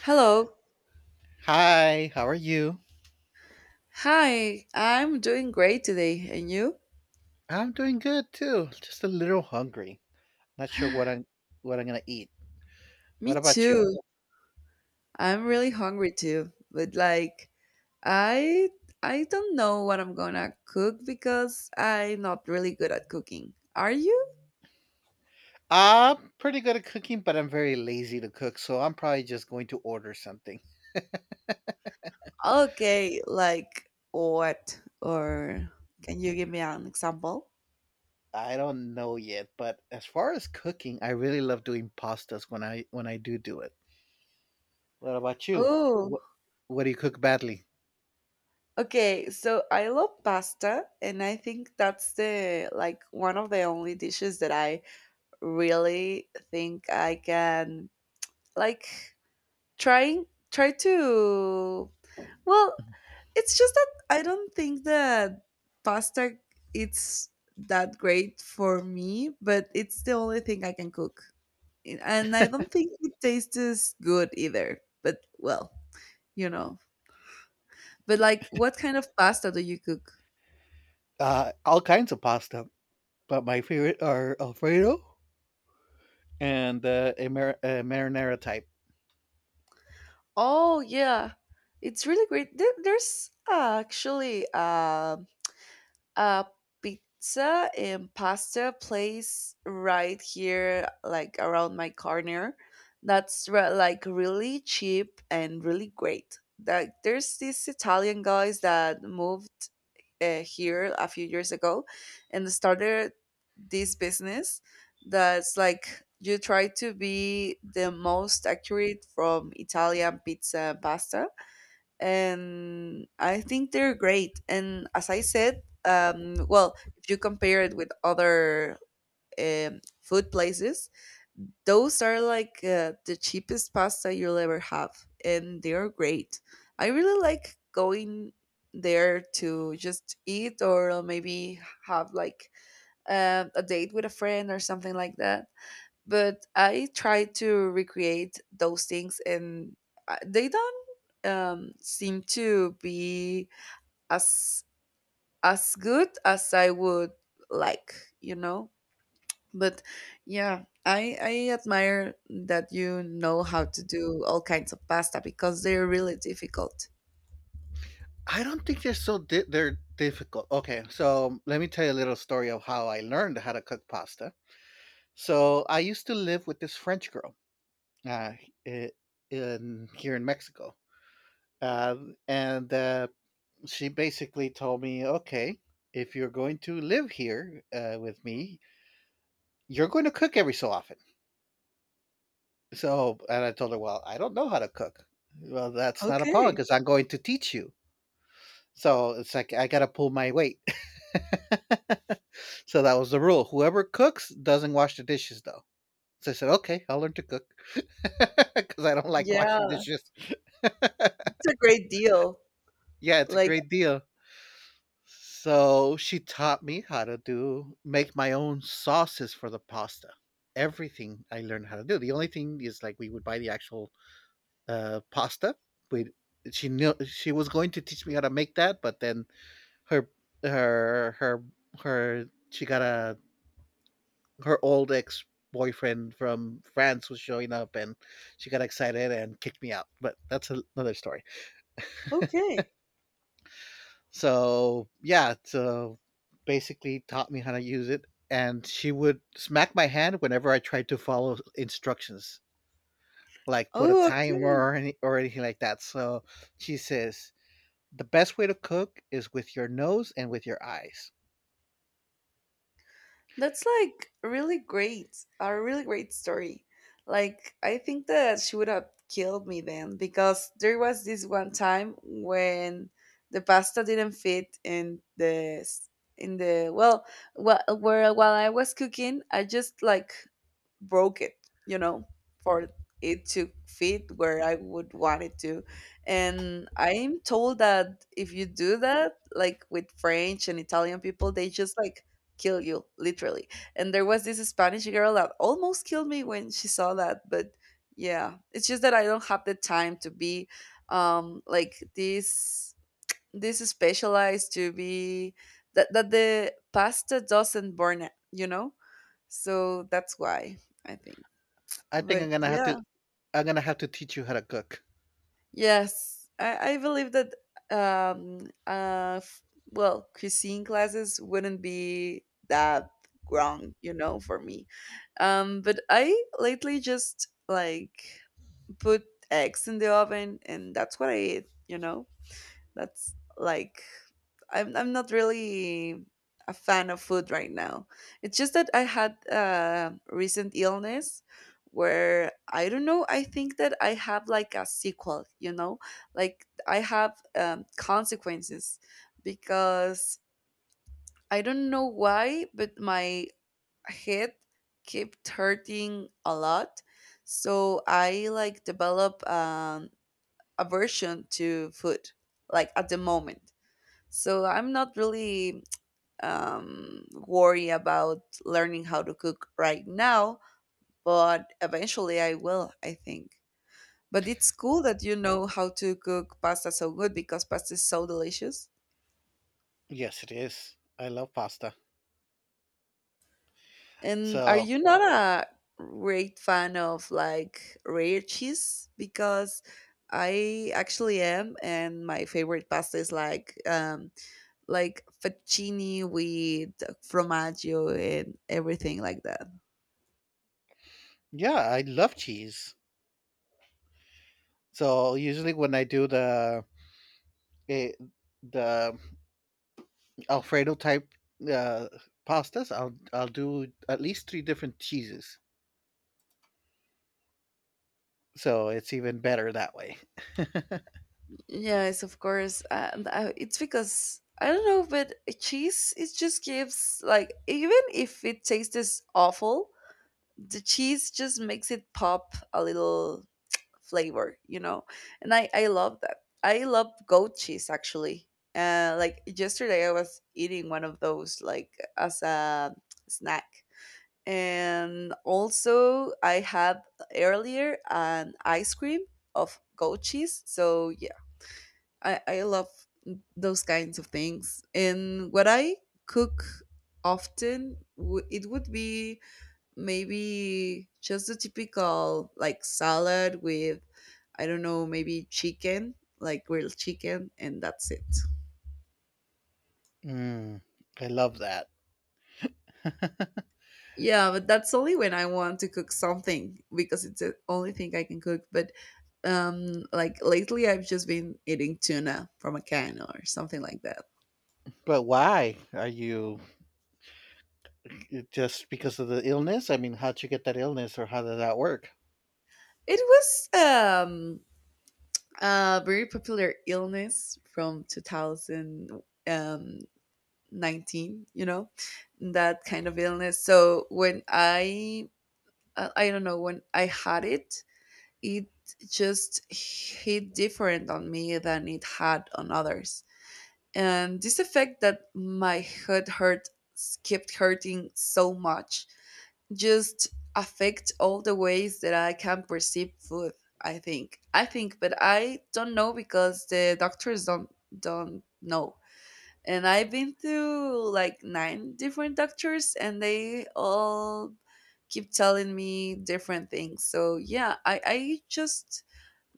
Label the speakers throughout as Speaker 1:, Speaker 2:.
Speaker 1: Hello.
Speaker 2: Hi, how are you?
Speaker 1: Hi. I'm doing great today. And you?
Speaker 2: I'm doing good too. Just a little hungry. Not sure what I'm gonna eat.
Speaker 1: Me
Speaker 2: What about
Speaker 1: too.
Speaker 2: you?
Speaker 1: I'm really hungry too. But like I I don't know what I'm gonna cook because I'm not really good at cooking. Are you?
Speaker 2: I'm pretty good at cooking, but I'm very lazy to cook, so I'm probably just going to order something.
Speaker 1: Okay, like what? Or can you give me an example?
Speaker 2: I don't know yet, but as far as cooking, I really love doing pastas when I do do it. What about you?
Speaker 1: Oh,
Speaker 2: What what do you cook badly?
Speaker 1: okay. So I love pasta, and I think that's the like one of the only dishes that I really think I can like try to well it's just that I don't think that pasta it's that great for me, but it's the only thing I can cook. And I don't think it tastes good either, but well you know but like what kind of pasta do you cook?
Speaker 2: All kinds of pasta, but my favorite are Alfredo and a, a marinara type.
Speaker 1: Oh yeah, it's really great. There's actually a pizza and pasta place right here like around my corner that's like really cheap and really great. Like there's these Italian guys that moved here a few years ago and started this business, that's like you try to be the most accurate from Italian pizza and pasta, and I think they're great. And as I said, well, if you compare it with other food places, those are like the cheapest pasta you'll ever have, and they are great. I really like going there to just eat or maybe have like a date with a friend or something like that. But I try to recreate those things, and they don't seem to be as as good as I would like, you know. But yeah, I admire that you know how to do all kinds of pasta because they're really difficult.
Speaker 2: I don't think they're so they're difficult. Okay, so let me tell you a little story of how I learned how to cook pasta. So I used to live with this French girl uh, i- in here in Mexico, uh, and she basically told me, "Okay, if you're going to live here with me, you're going to cook every so often." So, and I told her, "Well, I don't know how to cook." Well, that's not a problem
Speaker 1: Okay,
Speaker 2: because I'm going to teach you. So it's like I got to pull my weight. So that was the rule. Whoever cooks doesn't wash the dishes, though. So I said, okay, I'll learn to cook because I don't like washing
Speaker 1: yeah,
Speaker 2: dishes.
Speaker 1: it's a great deal.
Speaker 2: Yeah, it's a
Speaker 1: Like
Speaker 2: great deal. So she taught me how to do make my own sauces for the pasta. Everything I learned how to do. The only thing is like we would buy the actual pasta. We She knew she was going to teach me how to make that, but then her her her her she got a her old ex boyfriend from France was showing up and she got excited and kicked me out. But that's another story.
Speaker 1: okay,
Speaker 2: So, yeah, so basically taught me how to use it. And she would smack my hand whenever I tried to follow instructions, like put a
Speaker 1: oh
Speaker 2: timer
Speaker 1: okay.
Speaker 2: or anything like that. So she says, the best way to cook is with your nose and with your eyes.
Speaker 1: That's like really great, a really great story. Like, I think that she would have killed me then because there was this one time when the pasta didn't fit in the s- in the well, well where while I was cooking, I just like broke it, you know, for it to fit where I would want it to. And I'm told that if you do that, like with French and Italian people, they just like kill you, literally. And there was this Spanish girl that almost killed me when she saw that. But yeah, it's just that I don't have the time to be like this specialized to be that the pasta doesn't burn it, you know? So that's why I think.
Speaker 2: I think I'm
Speaker 1: But
Speaker 2: gonna have
Speaker 1: yeah,
Speaker 2: to I'm gonna have to teach you how to cook.
Speaker 1: yes, I believe that um uh f- cuisine classes wouldn't be that wrong, you know, for me. But I lately just like put eggs in the oven and that's what I eat, you know. That's like I'm not really a fan of food right now. It's just that I had a recent illness where I don't know, I think that I have like a sequel, you know? Like I have consequences because I don't know why, but my head kept hurting a lot. So I like develop aversion to food like at the moment, so I'm not really worried about learning how to cook right now, but eventually I will, I think. But it's cool that you know how to cook pasta so good because pasta is so delicious.
Speaker 2: Yes, it is. I love pasta.
Speaker 1: And are
Speaker 2: So
Speaker 1: you not a great fan of like rare cheese? Because I actually am, and my favorite pasta is like fettuccine with fromaggio and everything like that.
Speaker 2: yeah, I love cheese. So usually when I do eh, the Alfredo type uh, pastas, I'll do at least three different cheeses. So it's even better that way.
Speaker 1: Yes, of course. And it's because I don't know, but cheese, it just gives like even if it tastes awful, the cheese just makes it pop a little flavor, you know. And I love that. I love goat cheese actually. Like yesterday, I was eating one of those like as a snack, and also I had earlier an ice cream of goat cheese. So I love those kinds of things. And what I cook often, it would be maybe just the typical like salad with, I don't know, maybe chicken, like grilled chicken, and that's it.
Speaker 2: Mm, I love that.
Speaker 1: Yeah, but that's only when I want to cook something because it's the only thing I can cook. But like lately, I've just been eating tuna from a can or something like that.
Speaker 2: But why are you just because of the illness? I mean, how'd you get that illness, or how did that work?
Speaker 1: It was um a very popular illness from 2019, you know, that kind of illness. So when I I don't know, when I had it, it just hit different on me than it had on others, and this effect that my head hurt kept hurting so much just affect all the ways that I can perceive food. I think. I think, but I don't know because the doctors don't know. And I've been to like 9 different doctors, and they all keep telling me different things. So yeah, I just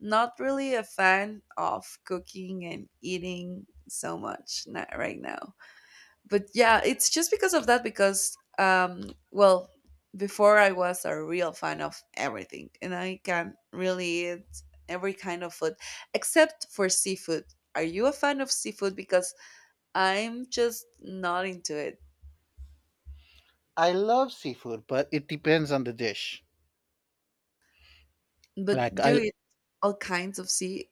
Speaker 1: not really a fan of cooking and eating so much not right now, but yeah, it's just because of that. Because well, before I was a real fan of everything, and I can really eat every kind of food except for seafood. Are you a fan of seafood? Because I'm just not into it.
Speaker 2: I love seafood, but it depends on the dish.
Speaker 1: But
Speaker 2: Like
Speaker 1: you
Speaker 2: I,
Speaker 1: eat all kinds of sea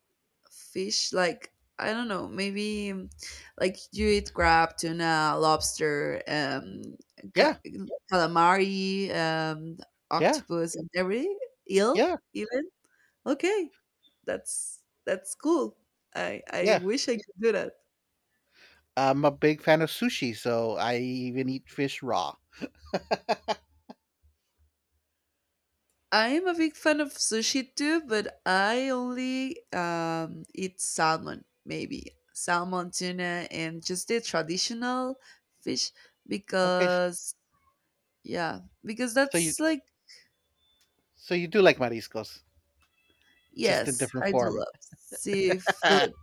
Speaker 1: fish, like I don't know, maybe like you eat crab, tuna, lobster, ca-
Speaker 2: yeah,
Speaker 1: calamari,
Speaker 2: yeah,
Speaker 1: octopus, and every eel
Speaker 2: yeah,
Speaker 1: even. Okay, that's cool. I
Speaker 2: yeah.
Speaker 1: wish I could do that.
Speaker 2: I'm a big fan of sushi, so I even eat fish raw.
Speaker 1: I am a big fan of sushi too, but I only eat salmon, maybe salmon, tuna, and just the traditional fish,
Speaker 2: Okay,
Speaker 1: because, yeah, because
Speaker 2: so you
Speaker 1: that's like,
Speaker 2: so you do like mariscos, just in
Speaker 1: yes,
Speaker 2: different
Speaker 1: I do
Speaker 2: form.
Speaker 1: love
Speaker 2: Yeah,
Speaker 1: seafood.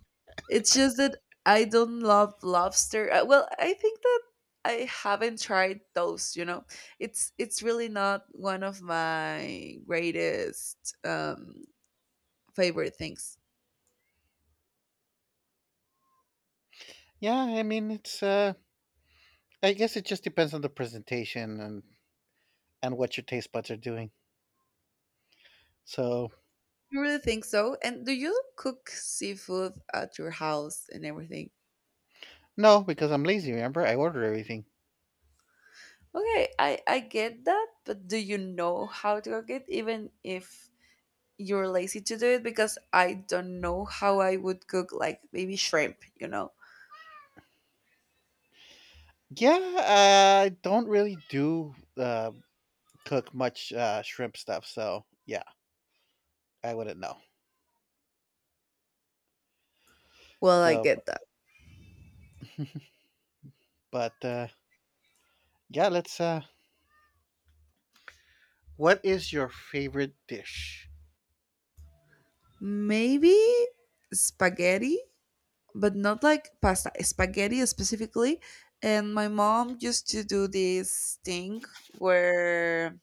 Speaker 1: It's just that I don't love lobster. Well, I think that I haven't tried those, you know. It's really not one of my greatest favorite things.
Speaker 2: I mean it's I guess it just depends on the presentation and what your taste buds are doing. So
Speaker 1: You really think so? And do you cook seafood at your house and everything?
Speaker 2: no, because I'm lazy, remember? I order everything.
Speaker 1: Okay, I get that, but do you know how to cook it even if you're lazy to do it because I don't know how I would cook like maybe shrimp, you know?
Speaker 2: Yeah, I don't really do cook much shrimp stuff, so yeah, I wouldn't know.
Speaker 1: Well, I
Speaker 2: So b-
Speaker 1: get that.
Speaker 2: but yeah, let's what is your favorite dish?
Speaker 1: Maybe spaghetti, but not like pasta, spaghetti specifically. And my mom used to do this thing where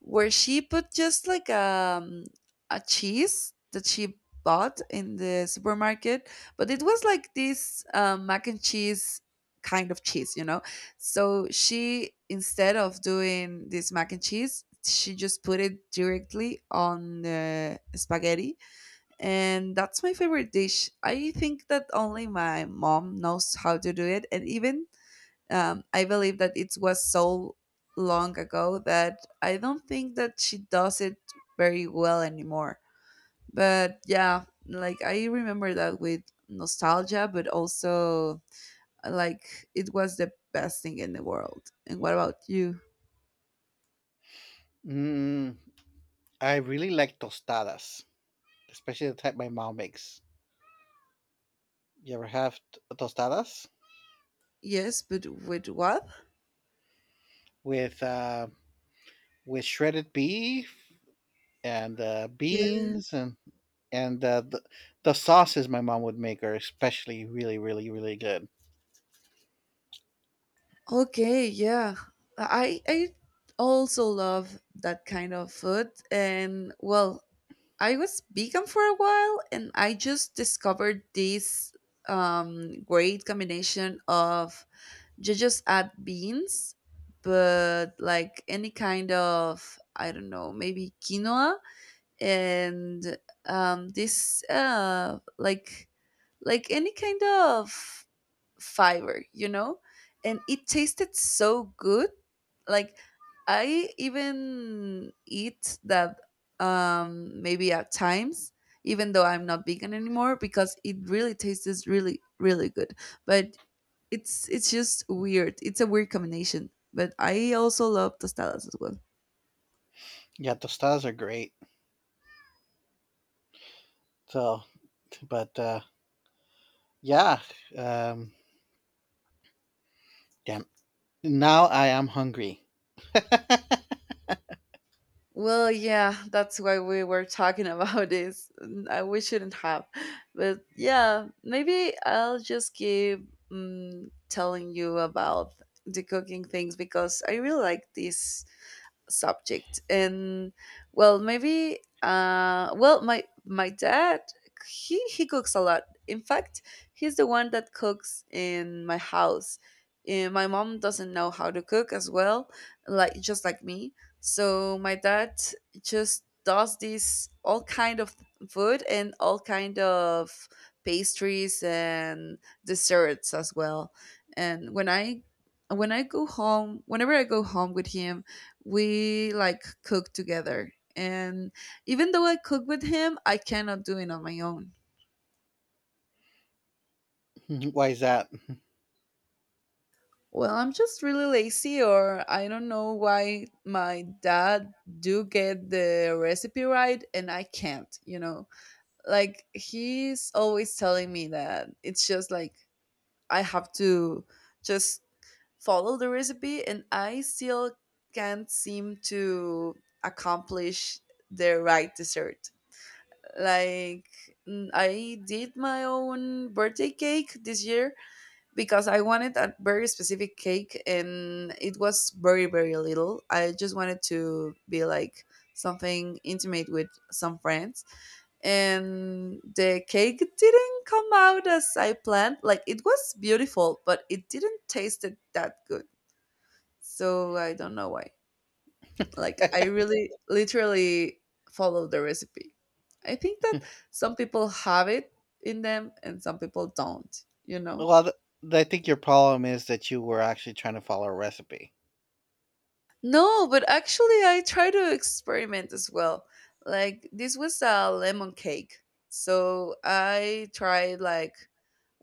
Speaker 1: where she put just like a cheese that she bought in the supermarket, but it was like this mac and cheese kind of cheese, you know. So she, instead of doing this mac and cheese, she just put it directly on the spaghetti, and that's my favorite dish. I think that only my mom knows how to do it, and even I believe that it was so long ago that I don't think that she does it very well anymore. But yeah, like I remember that with nostalgia, but also like it was the best thing in the world. And what about you?
Speaker 2: Mm, I really like tostadas, especially the type my mom makes. You ever have tostadas
Speaker 1: Yes, but with what?
Speaker 2: with uh, with shredded beef and
Speaker 1: Yes.
Speaker 2: beans and the sauces my mom would make are especially really really really good.
Speaker 1: Okay, yeah. I also love that kind of food. And well, I was vegan for a while and I just discovered this great combination of you just add beans, but like any kind of, I don't know, maybe quinoa and this like any kind of fiber, you know? And it tasted so good. Like I even eat that maybe at times, even though I'm not vegan anymore, because it really tastes really, really good. But it's just weird. It's a weird combination. But I also love tostadas as well.
Speaker 2: Yeah, tostadas are great. So, but yeah, um, damn. Now I am hungry.
Speaker 1: Well, yeah, that's why we were talking about this. We shouldn't have. But yeah, maybe I'll just keep telling you about the cooking things because I really like this subject. And well, maybe my dad, he cooks a lot. In fact, he's the one that cooks in my house, and my mom doesn't know how to cook as well, like just like me. So my dad just does this all kind of food and all kind of pastries and desserts as well. And when I go home, whenever I go home with him, we like cook together. And even though I cook with him, I cannot do it on my own.
Speaker 2: Why is that?
Speaker 1: Well, I'm just really lazy, or I don't know why my dad do get the recipe right and I can't, you know. Like he's always telling me that it's just like I have to just follow the recipe, and I still can't seem to accomplish the right dessert. Like mm, I did my own birthday cake this year because I wanted a very specific cake and it was very very little. I just wanted to be like something intimate with some friends, and the cake didn't come out as I planned. Like it was beautiful, but it didn't taste that good. So I don't know why. Like I really literally follow the recipe. I think that some people have it in them and some people don't, you know?
Speaker 2: Well, I think your problem is that you were actually trying to follow a recipe.
Speaker 1: No, but actually I try to experiment as well. Like this was a lemon cake. So I tried like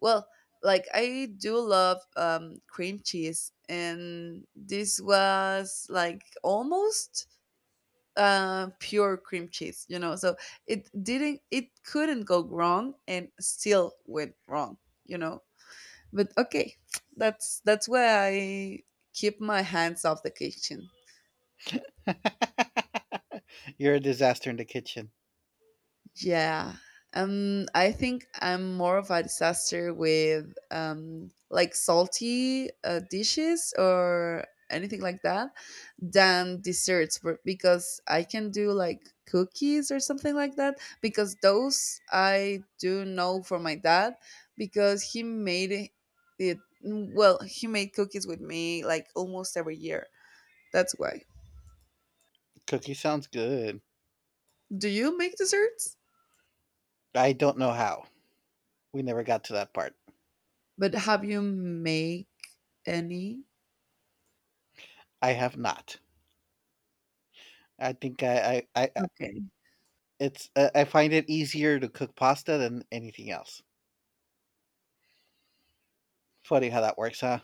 Speaker 1: well, like I do love cream cheese, and this was like almost pure cream cheese, you know. So it couldn't go wrong, and still went wrong, you know. But okay, that's why I keep my hands off the kitchen.
Speaker 2: You're a disaster in the kitchen.
Speaker 1: Yeah. I think I'm more of a disaster with like salty dishes or anything like that than desserts because I can do like cookies or something like that, because those I do know for my dad because it he made cookies with me like almost every year. That's why.
Speaker 2: Cookie sounds good.
Speaker 1: Do you make desserts?
Speaker 2: I don't know how. We never got to that part.
Speaker 1: But have you make any?
Speaker 2: I have not. I think I
Speaker 1: Okay.
Speaker 2: It's I find it easier to cook pasta than anything else. Funny how that works, huh?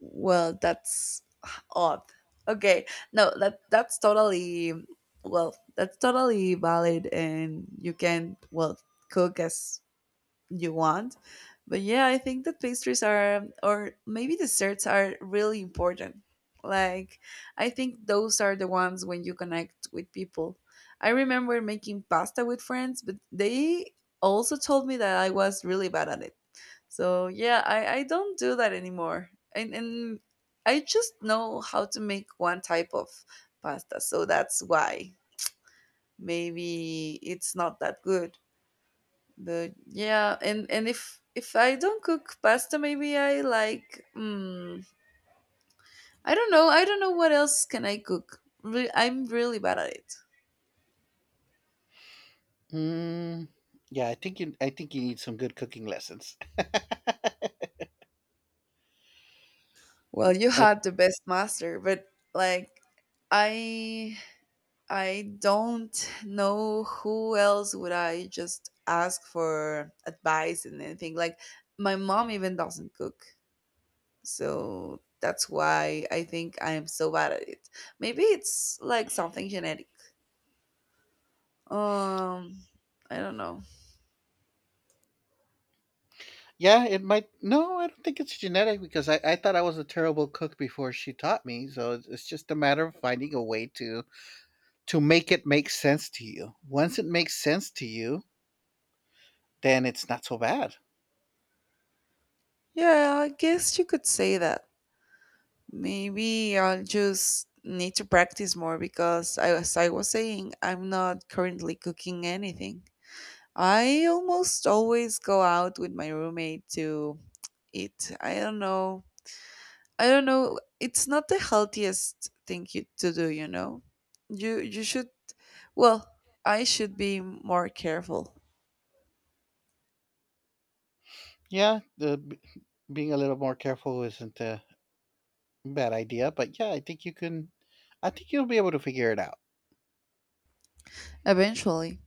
Speaker 1: Well, that's odd. Okay, no, that's totally that's totally valid, and you can cook as you want. But yeah, I think that pastries are, or maybe desserts are really important. Like, I think those are the ones when you connect with people. I remember making pasta with friends, but they also told me that I was really bad at it, so yeah, I don't do that anymore. And I just know how to make one type of pasta. So that's why maybe it's not that good. But yeah, and if I don't cook pasta, maybe I like I don't know. I don't know what else can I cook. I'm really bad at it.
Speaker 2: Mm, yeah, I think you need some good cooking lessons.
Speaker 1: Well, you
Speaker 2: Uh,
Speaker 1: had the best master, but like I I don't know who else would I just ask for advice and anything. Like my mom even doesn't cook. So that's why I think I am so bad at it. Maybe it's like something genetic. Um I don't know.
Speaker 2: yeah, it might. No, I don't think it's genetic because I thought I was a terrible cook before she taught me. So it's just a matter of finding a way to make it make sense to you. Once it makes sense to you, then it's not so bad.
Speaker 1: Yeah, I guess you could say that. Maybe I'll just need to practice more because I, as I was saying, I'm not currently cooking anything. I almost always go out with my roommate to eat. I don't know. I don't know. It's not the healthiest to do, you know. You should well, I should be more careful
Speaker 2: Yeah, being a little more careful isn't bad idea, but yeah, I think you can. I think you'll be able to figure it out.
Speaker 1: eventually.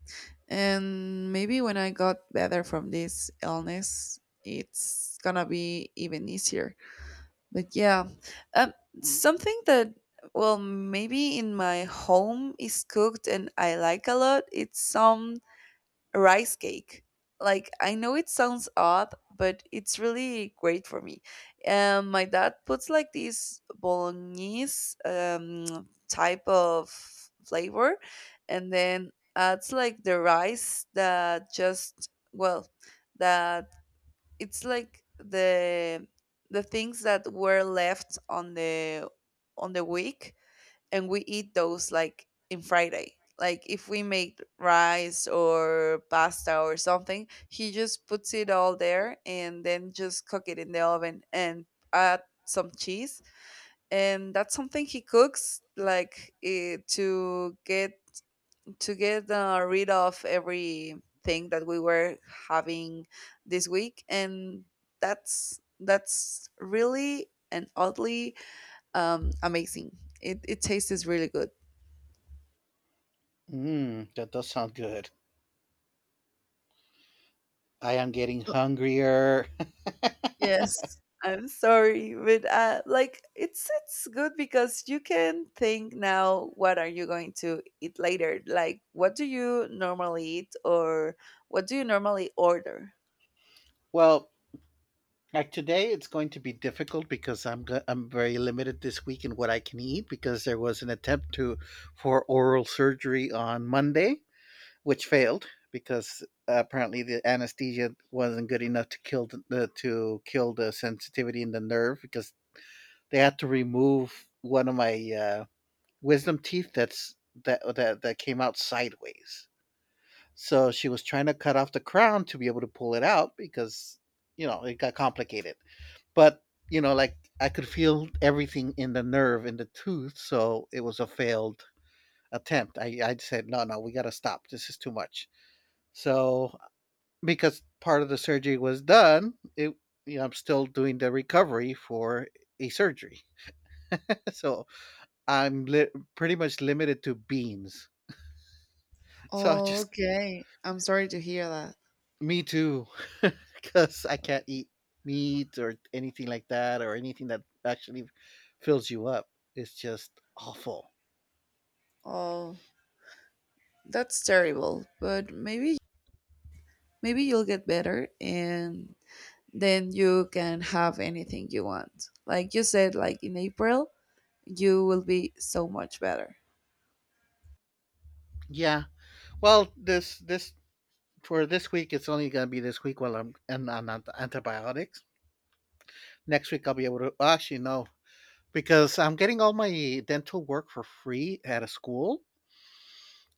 Speaker 1: And maybe when I got better from this illness, it's gonna be even easier. But yeah, um, something that maybe in my home is cooked and I like a lot. It's some rice cake. Like I know it sounds odd, but it's really great for me. My dad puts like this bolognese type of flavor, and then adds like the rice that that it's like the things that were left on the week, and we eat those like in Friday. Like if we make rice or pasta or something, he just puts it all there and then just cook it in the oven and add some cheese. And that's something he cooks like to get rid of everything that we were having this week. And that's really and oddly amazing. It tastes really good.
Speaker 2: Mm, that does sound good. I am getting hungrier.
Speaker 1: Yes, I'm sorry, but like it's good because you can think now, what are you going to eat later? Like what do you normally eat or what do you normally order?
Speaker 2: Well, like today, it's going to be difficult because I'm very limited this week in what I can eat because there was an attempt to for oral surgery on Monday, which failed because apparently the anesthesia wasn't good enough to kill the to kill the sensitivity in the nerve because they had to remove one of my wisdom teeth that's that that came out sideways. So she was trying to cut off the crown to be able to pull it out because you know it got complicated. But you know, like I could feel everything in the nerve in the tooth, so it was a failed attempt. I said no, no, we got to stop. This is too much. So because part of the surgery was done, it you know, I'm still doing the recovery for a surgery. So I'm pretty much limited to beans. So I
Speaker 1: Oh,
Speaker 2: just
Speaker 1: okay. I'm sorry to hear that.
Speaker 2: me too, because I can't eat meat or anything like that, or anything that actually fills you up. It's just awful.
Speaker 1: Oh, that's terrible. But maybe maybe you'll get better and then you can have anything you want. Like you said, like in April, you will be so much better.
Speaker 2: Yeah. Well, this for this week, it's only gonna be this week while I'm and on antibiotics. Next week, I'll be able to well, actually no, because I'm getting all my dental work for free at a school.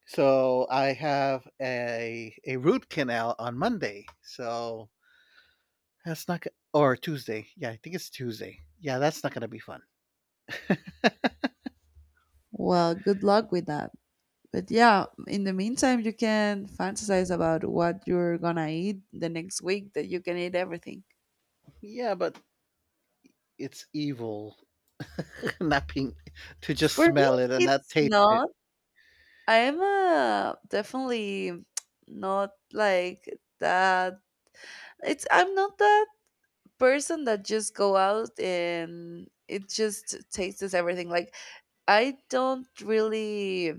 Speaker 2: So I have a root canal on Monday. So That's not go- or Tuesday. Yeah, I think it's Tuesday. Yeah, that's not gonna be fun.
Speaker 1: Well, good luck with that. But yeah, in the meantime, you can fantasize about what you're gonna eat the next week, that you can eat everything.
Speaker 2: Yeah, but it's evil. Not being to just
Speaker 1: For me,
Speaker 2: smell it and not
Speaker 1: it's
Speaker 2: taste it.
Speaker 1: not. I'm definitely not like that. It's I'm not that person that just go out and it just tastes everything. Like I don't really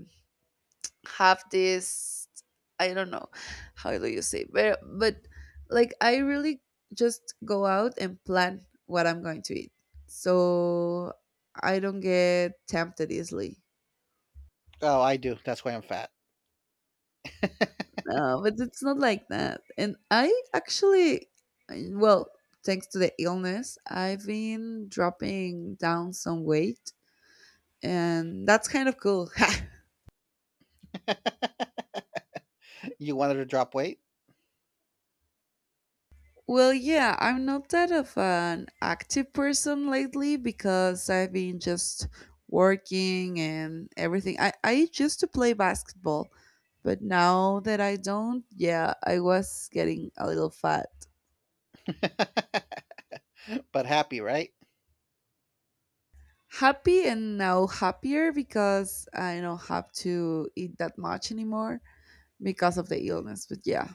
Speaker 1: have this, I don't know how do you say, but like I really just go out and plan what I'm going to eat. So I don't get tempted easily.
Speaker 2: Oh, I do. That's why I'm fat.
Speaker 1: No, but it's not like that. And I actually I- well, thanks to the illness, I've been dropping down some weight, and that's kind of cool.
Speaker 2: You wanted to drop weight,
Speaker 1: Well, yeah, I'm not that of an active person lately because I've been just working and everything. I used to play basketball, but now that I don't, yeah, I was getting a little fat.
Speaker 2: but happy, right?
Speaker 1: Happy and now happier because I don't have to eat that much anymore because of the illness. But yeah,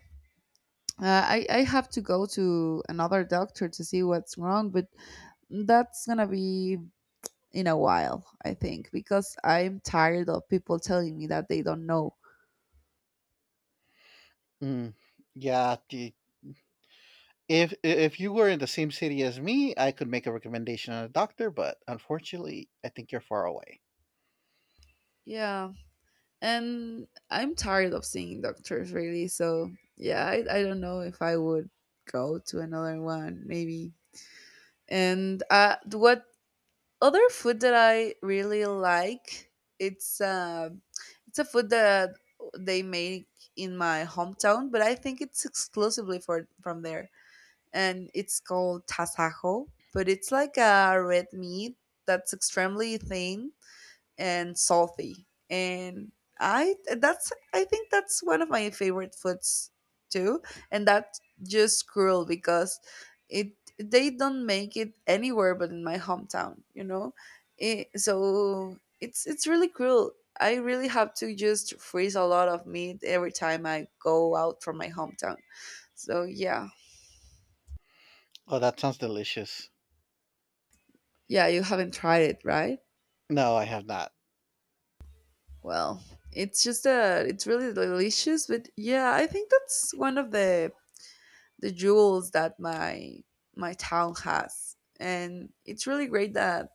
Speaker 1: I have to go to another doctor to see what's wrong, but that's gonna be in a while, I think, because I'm tired of people telling me that they don't know.
Speaker 2: Mm, yeah. The, if you were in the same city as me, I could make a recommendation on a doctor, but unfortunately, I think you're far away.
Speaker 1: Yeah. And I'm tired of seeing doctors, really. So, yeah, I don't know if I would go to another one, maybe. And what other food that I really like, it's, uh, it's a food that they make in my hometown, but I think it's exclusively for from there. And it's called tasajo, but it's like a red meat that's extremely thin and salty. And I think that's one of my favorite foods too, and that's just cruel because it they don't make it anywhere but in my hometown, you know. So it's really cruel. I really have to just freeze a lot of meat every time I go out from my hometown. So yeah.
Speaker 2: Oh, that sounds delicious.
Speaker 1: Yeah, you haven't tried it, right?
Speaker 2: No, I have not.
Speaker 1: Well, it's just that it's really delicious, but yeah, I think that's one of the jewels that my town has. And it's really great that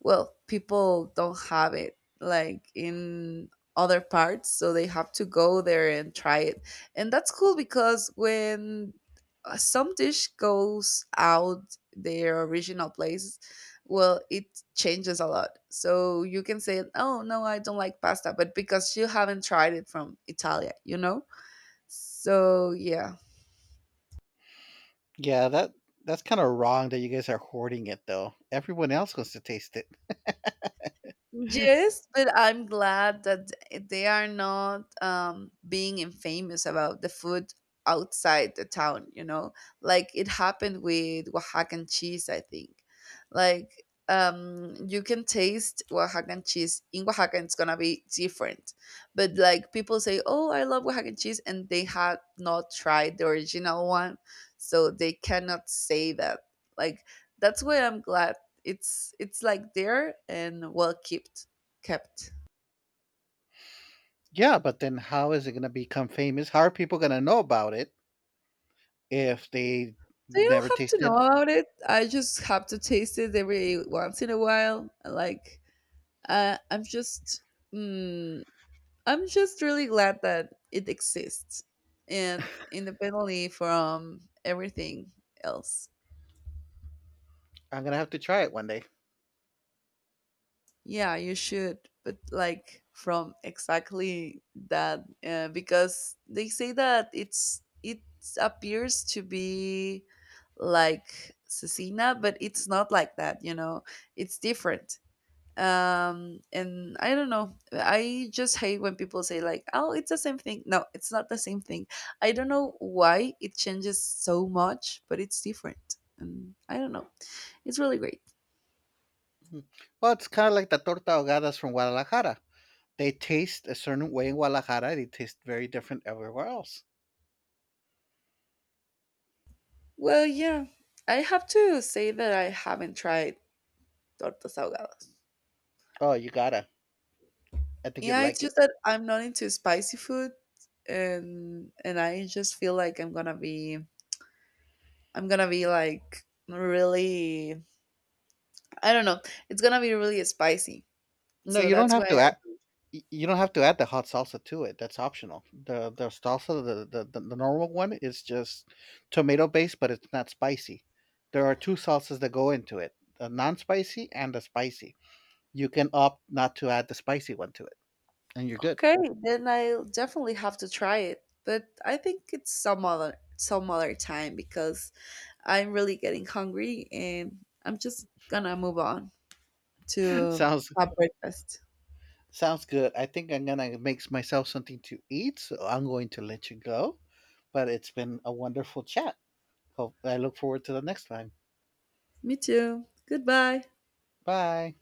Speaker 1: well, people don't have it like in other parts, so they have to go there and try it. And that's cool because when some dish goes out their original place, well, it changes a lot, so you can say, oh, no, I don't like pasta, but because you haven't tried it from Italia, you know. So yeah.
Speaker 2: Yeah, that that's kind of wrong that you guys are hoarding it though. Everyone else wants to taste it.
Speaker 1: Yes, but I'm glad that they are not being infamous about the food outside the town, you know? Like it happened with Oaxacan cheese, I think. Like you can taste Oaxacan cheese. In Oaxaca, it's gonna be different. But like people say, oh, I love Oaxacan cheese, and they had not tried the original one. So they cannot say that. Like, that's why I'm glad it's like there and well kept.
Speaker 2: Yeah, but then how is it going to become famous? How are people going to know about it if they
Speaker 1: So you
Speaker 2: never
Speaker 1: don't have to know
Speaker 2: tasted?
Speaker 1: about it, I just have to taste it every once in a while. Like I'm just mm, I'm just really glad that it exists, and independently from everything else.
Speaker 2: I'm going to have to try it one day.
Speaker 1: Yeah, you should, but like from exactly that, because they say that it appears to be like cecina, but it's not like that. You know, it's different. And I don't know. I just hate when people say like, "Oh, it's the same thing." No, it's not the same thing. I don't know why it changes so much, but it's different. And I don't know. It's really great.
Speaker 2: Mhm. Well, it's kind of like the torta ahogadas from Guadalajara. They taste a certain way in Guadalajara. They taste very different everywhere else.
Speaker 1: Well, yeah, I have to say that I haven't tried tortas ahogadas.
Speaker 2: Oh, you gotta. I think you'd
Speaker 1: Yeah, it's
Speaker 2: like it.
Speaker 1: just that I'm not into spicy food, and I just feel like I'm gonna be like really, I don't know, it's gonna be really spicy.
Speaker 2: No,
Speaker 1: So
Speaker 2: you don't
Speaker 1: that's why
Speaker 2: have to.
Speaker 1: I,
Speaker 2: You don't have to add the hot salsa to it. That's optional. The salsa, The normal one is just tomato based, but it's not spicy. There are two salsas that go into it: the non-spicy and the spicy. You can opt not to add the spicy one to it, and you're good.
Speaker 1: okay, then I'll definitely have to try it. But I think it's some other time because I'm really getting hungry, and I'm just gonna move on to
Speaker 2: sounds
Speaker 1: have breakfast.
Speaker 2: Sounds good. I think I'm gonna make myself something to eat, so I'm going to let you go. But it's been a wonderful chat. Hope I look forward to the next time.
Speaker 1: Me too. Goodbye.
Speaker 2: Bye.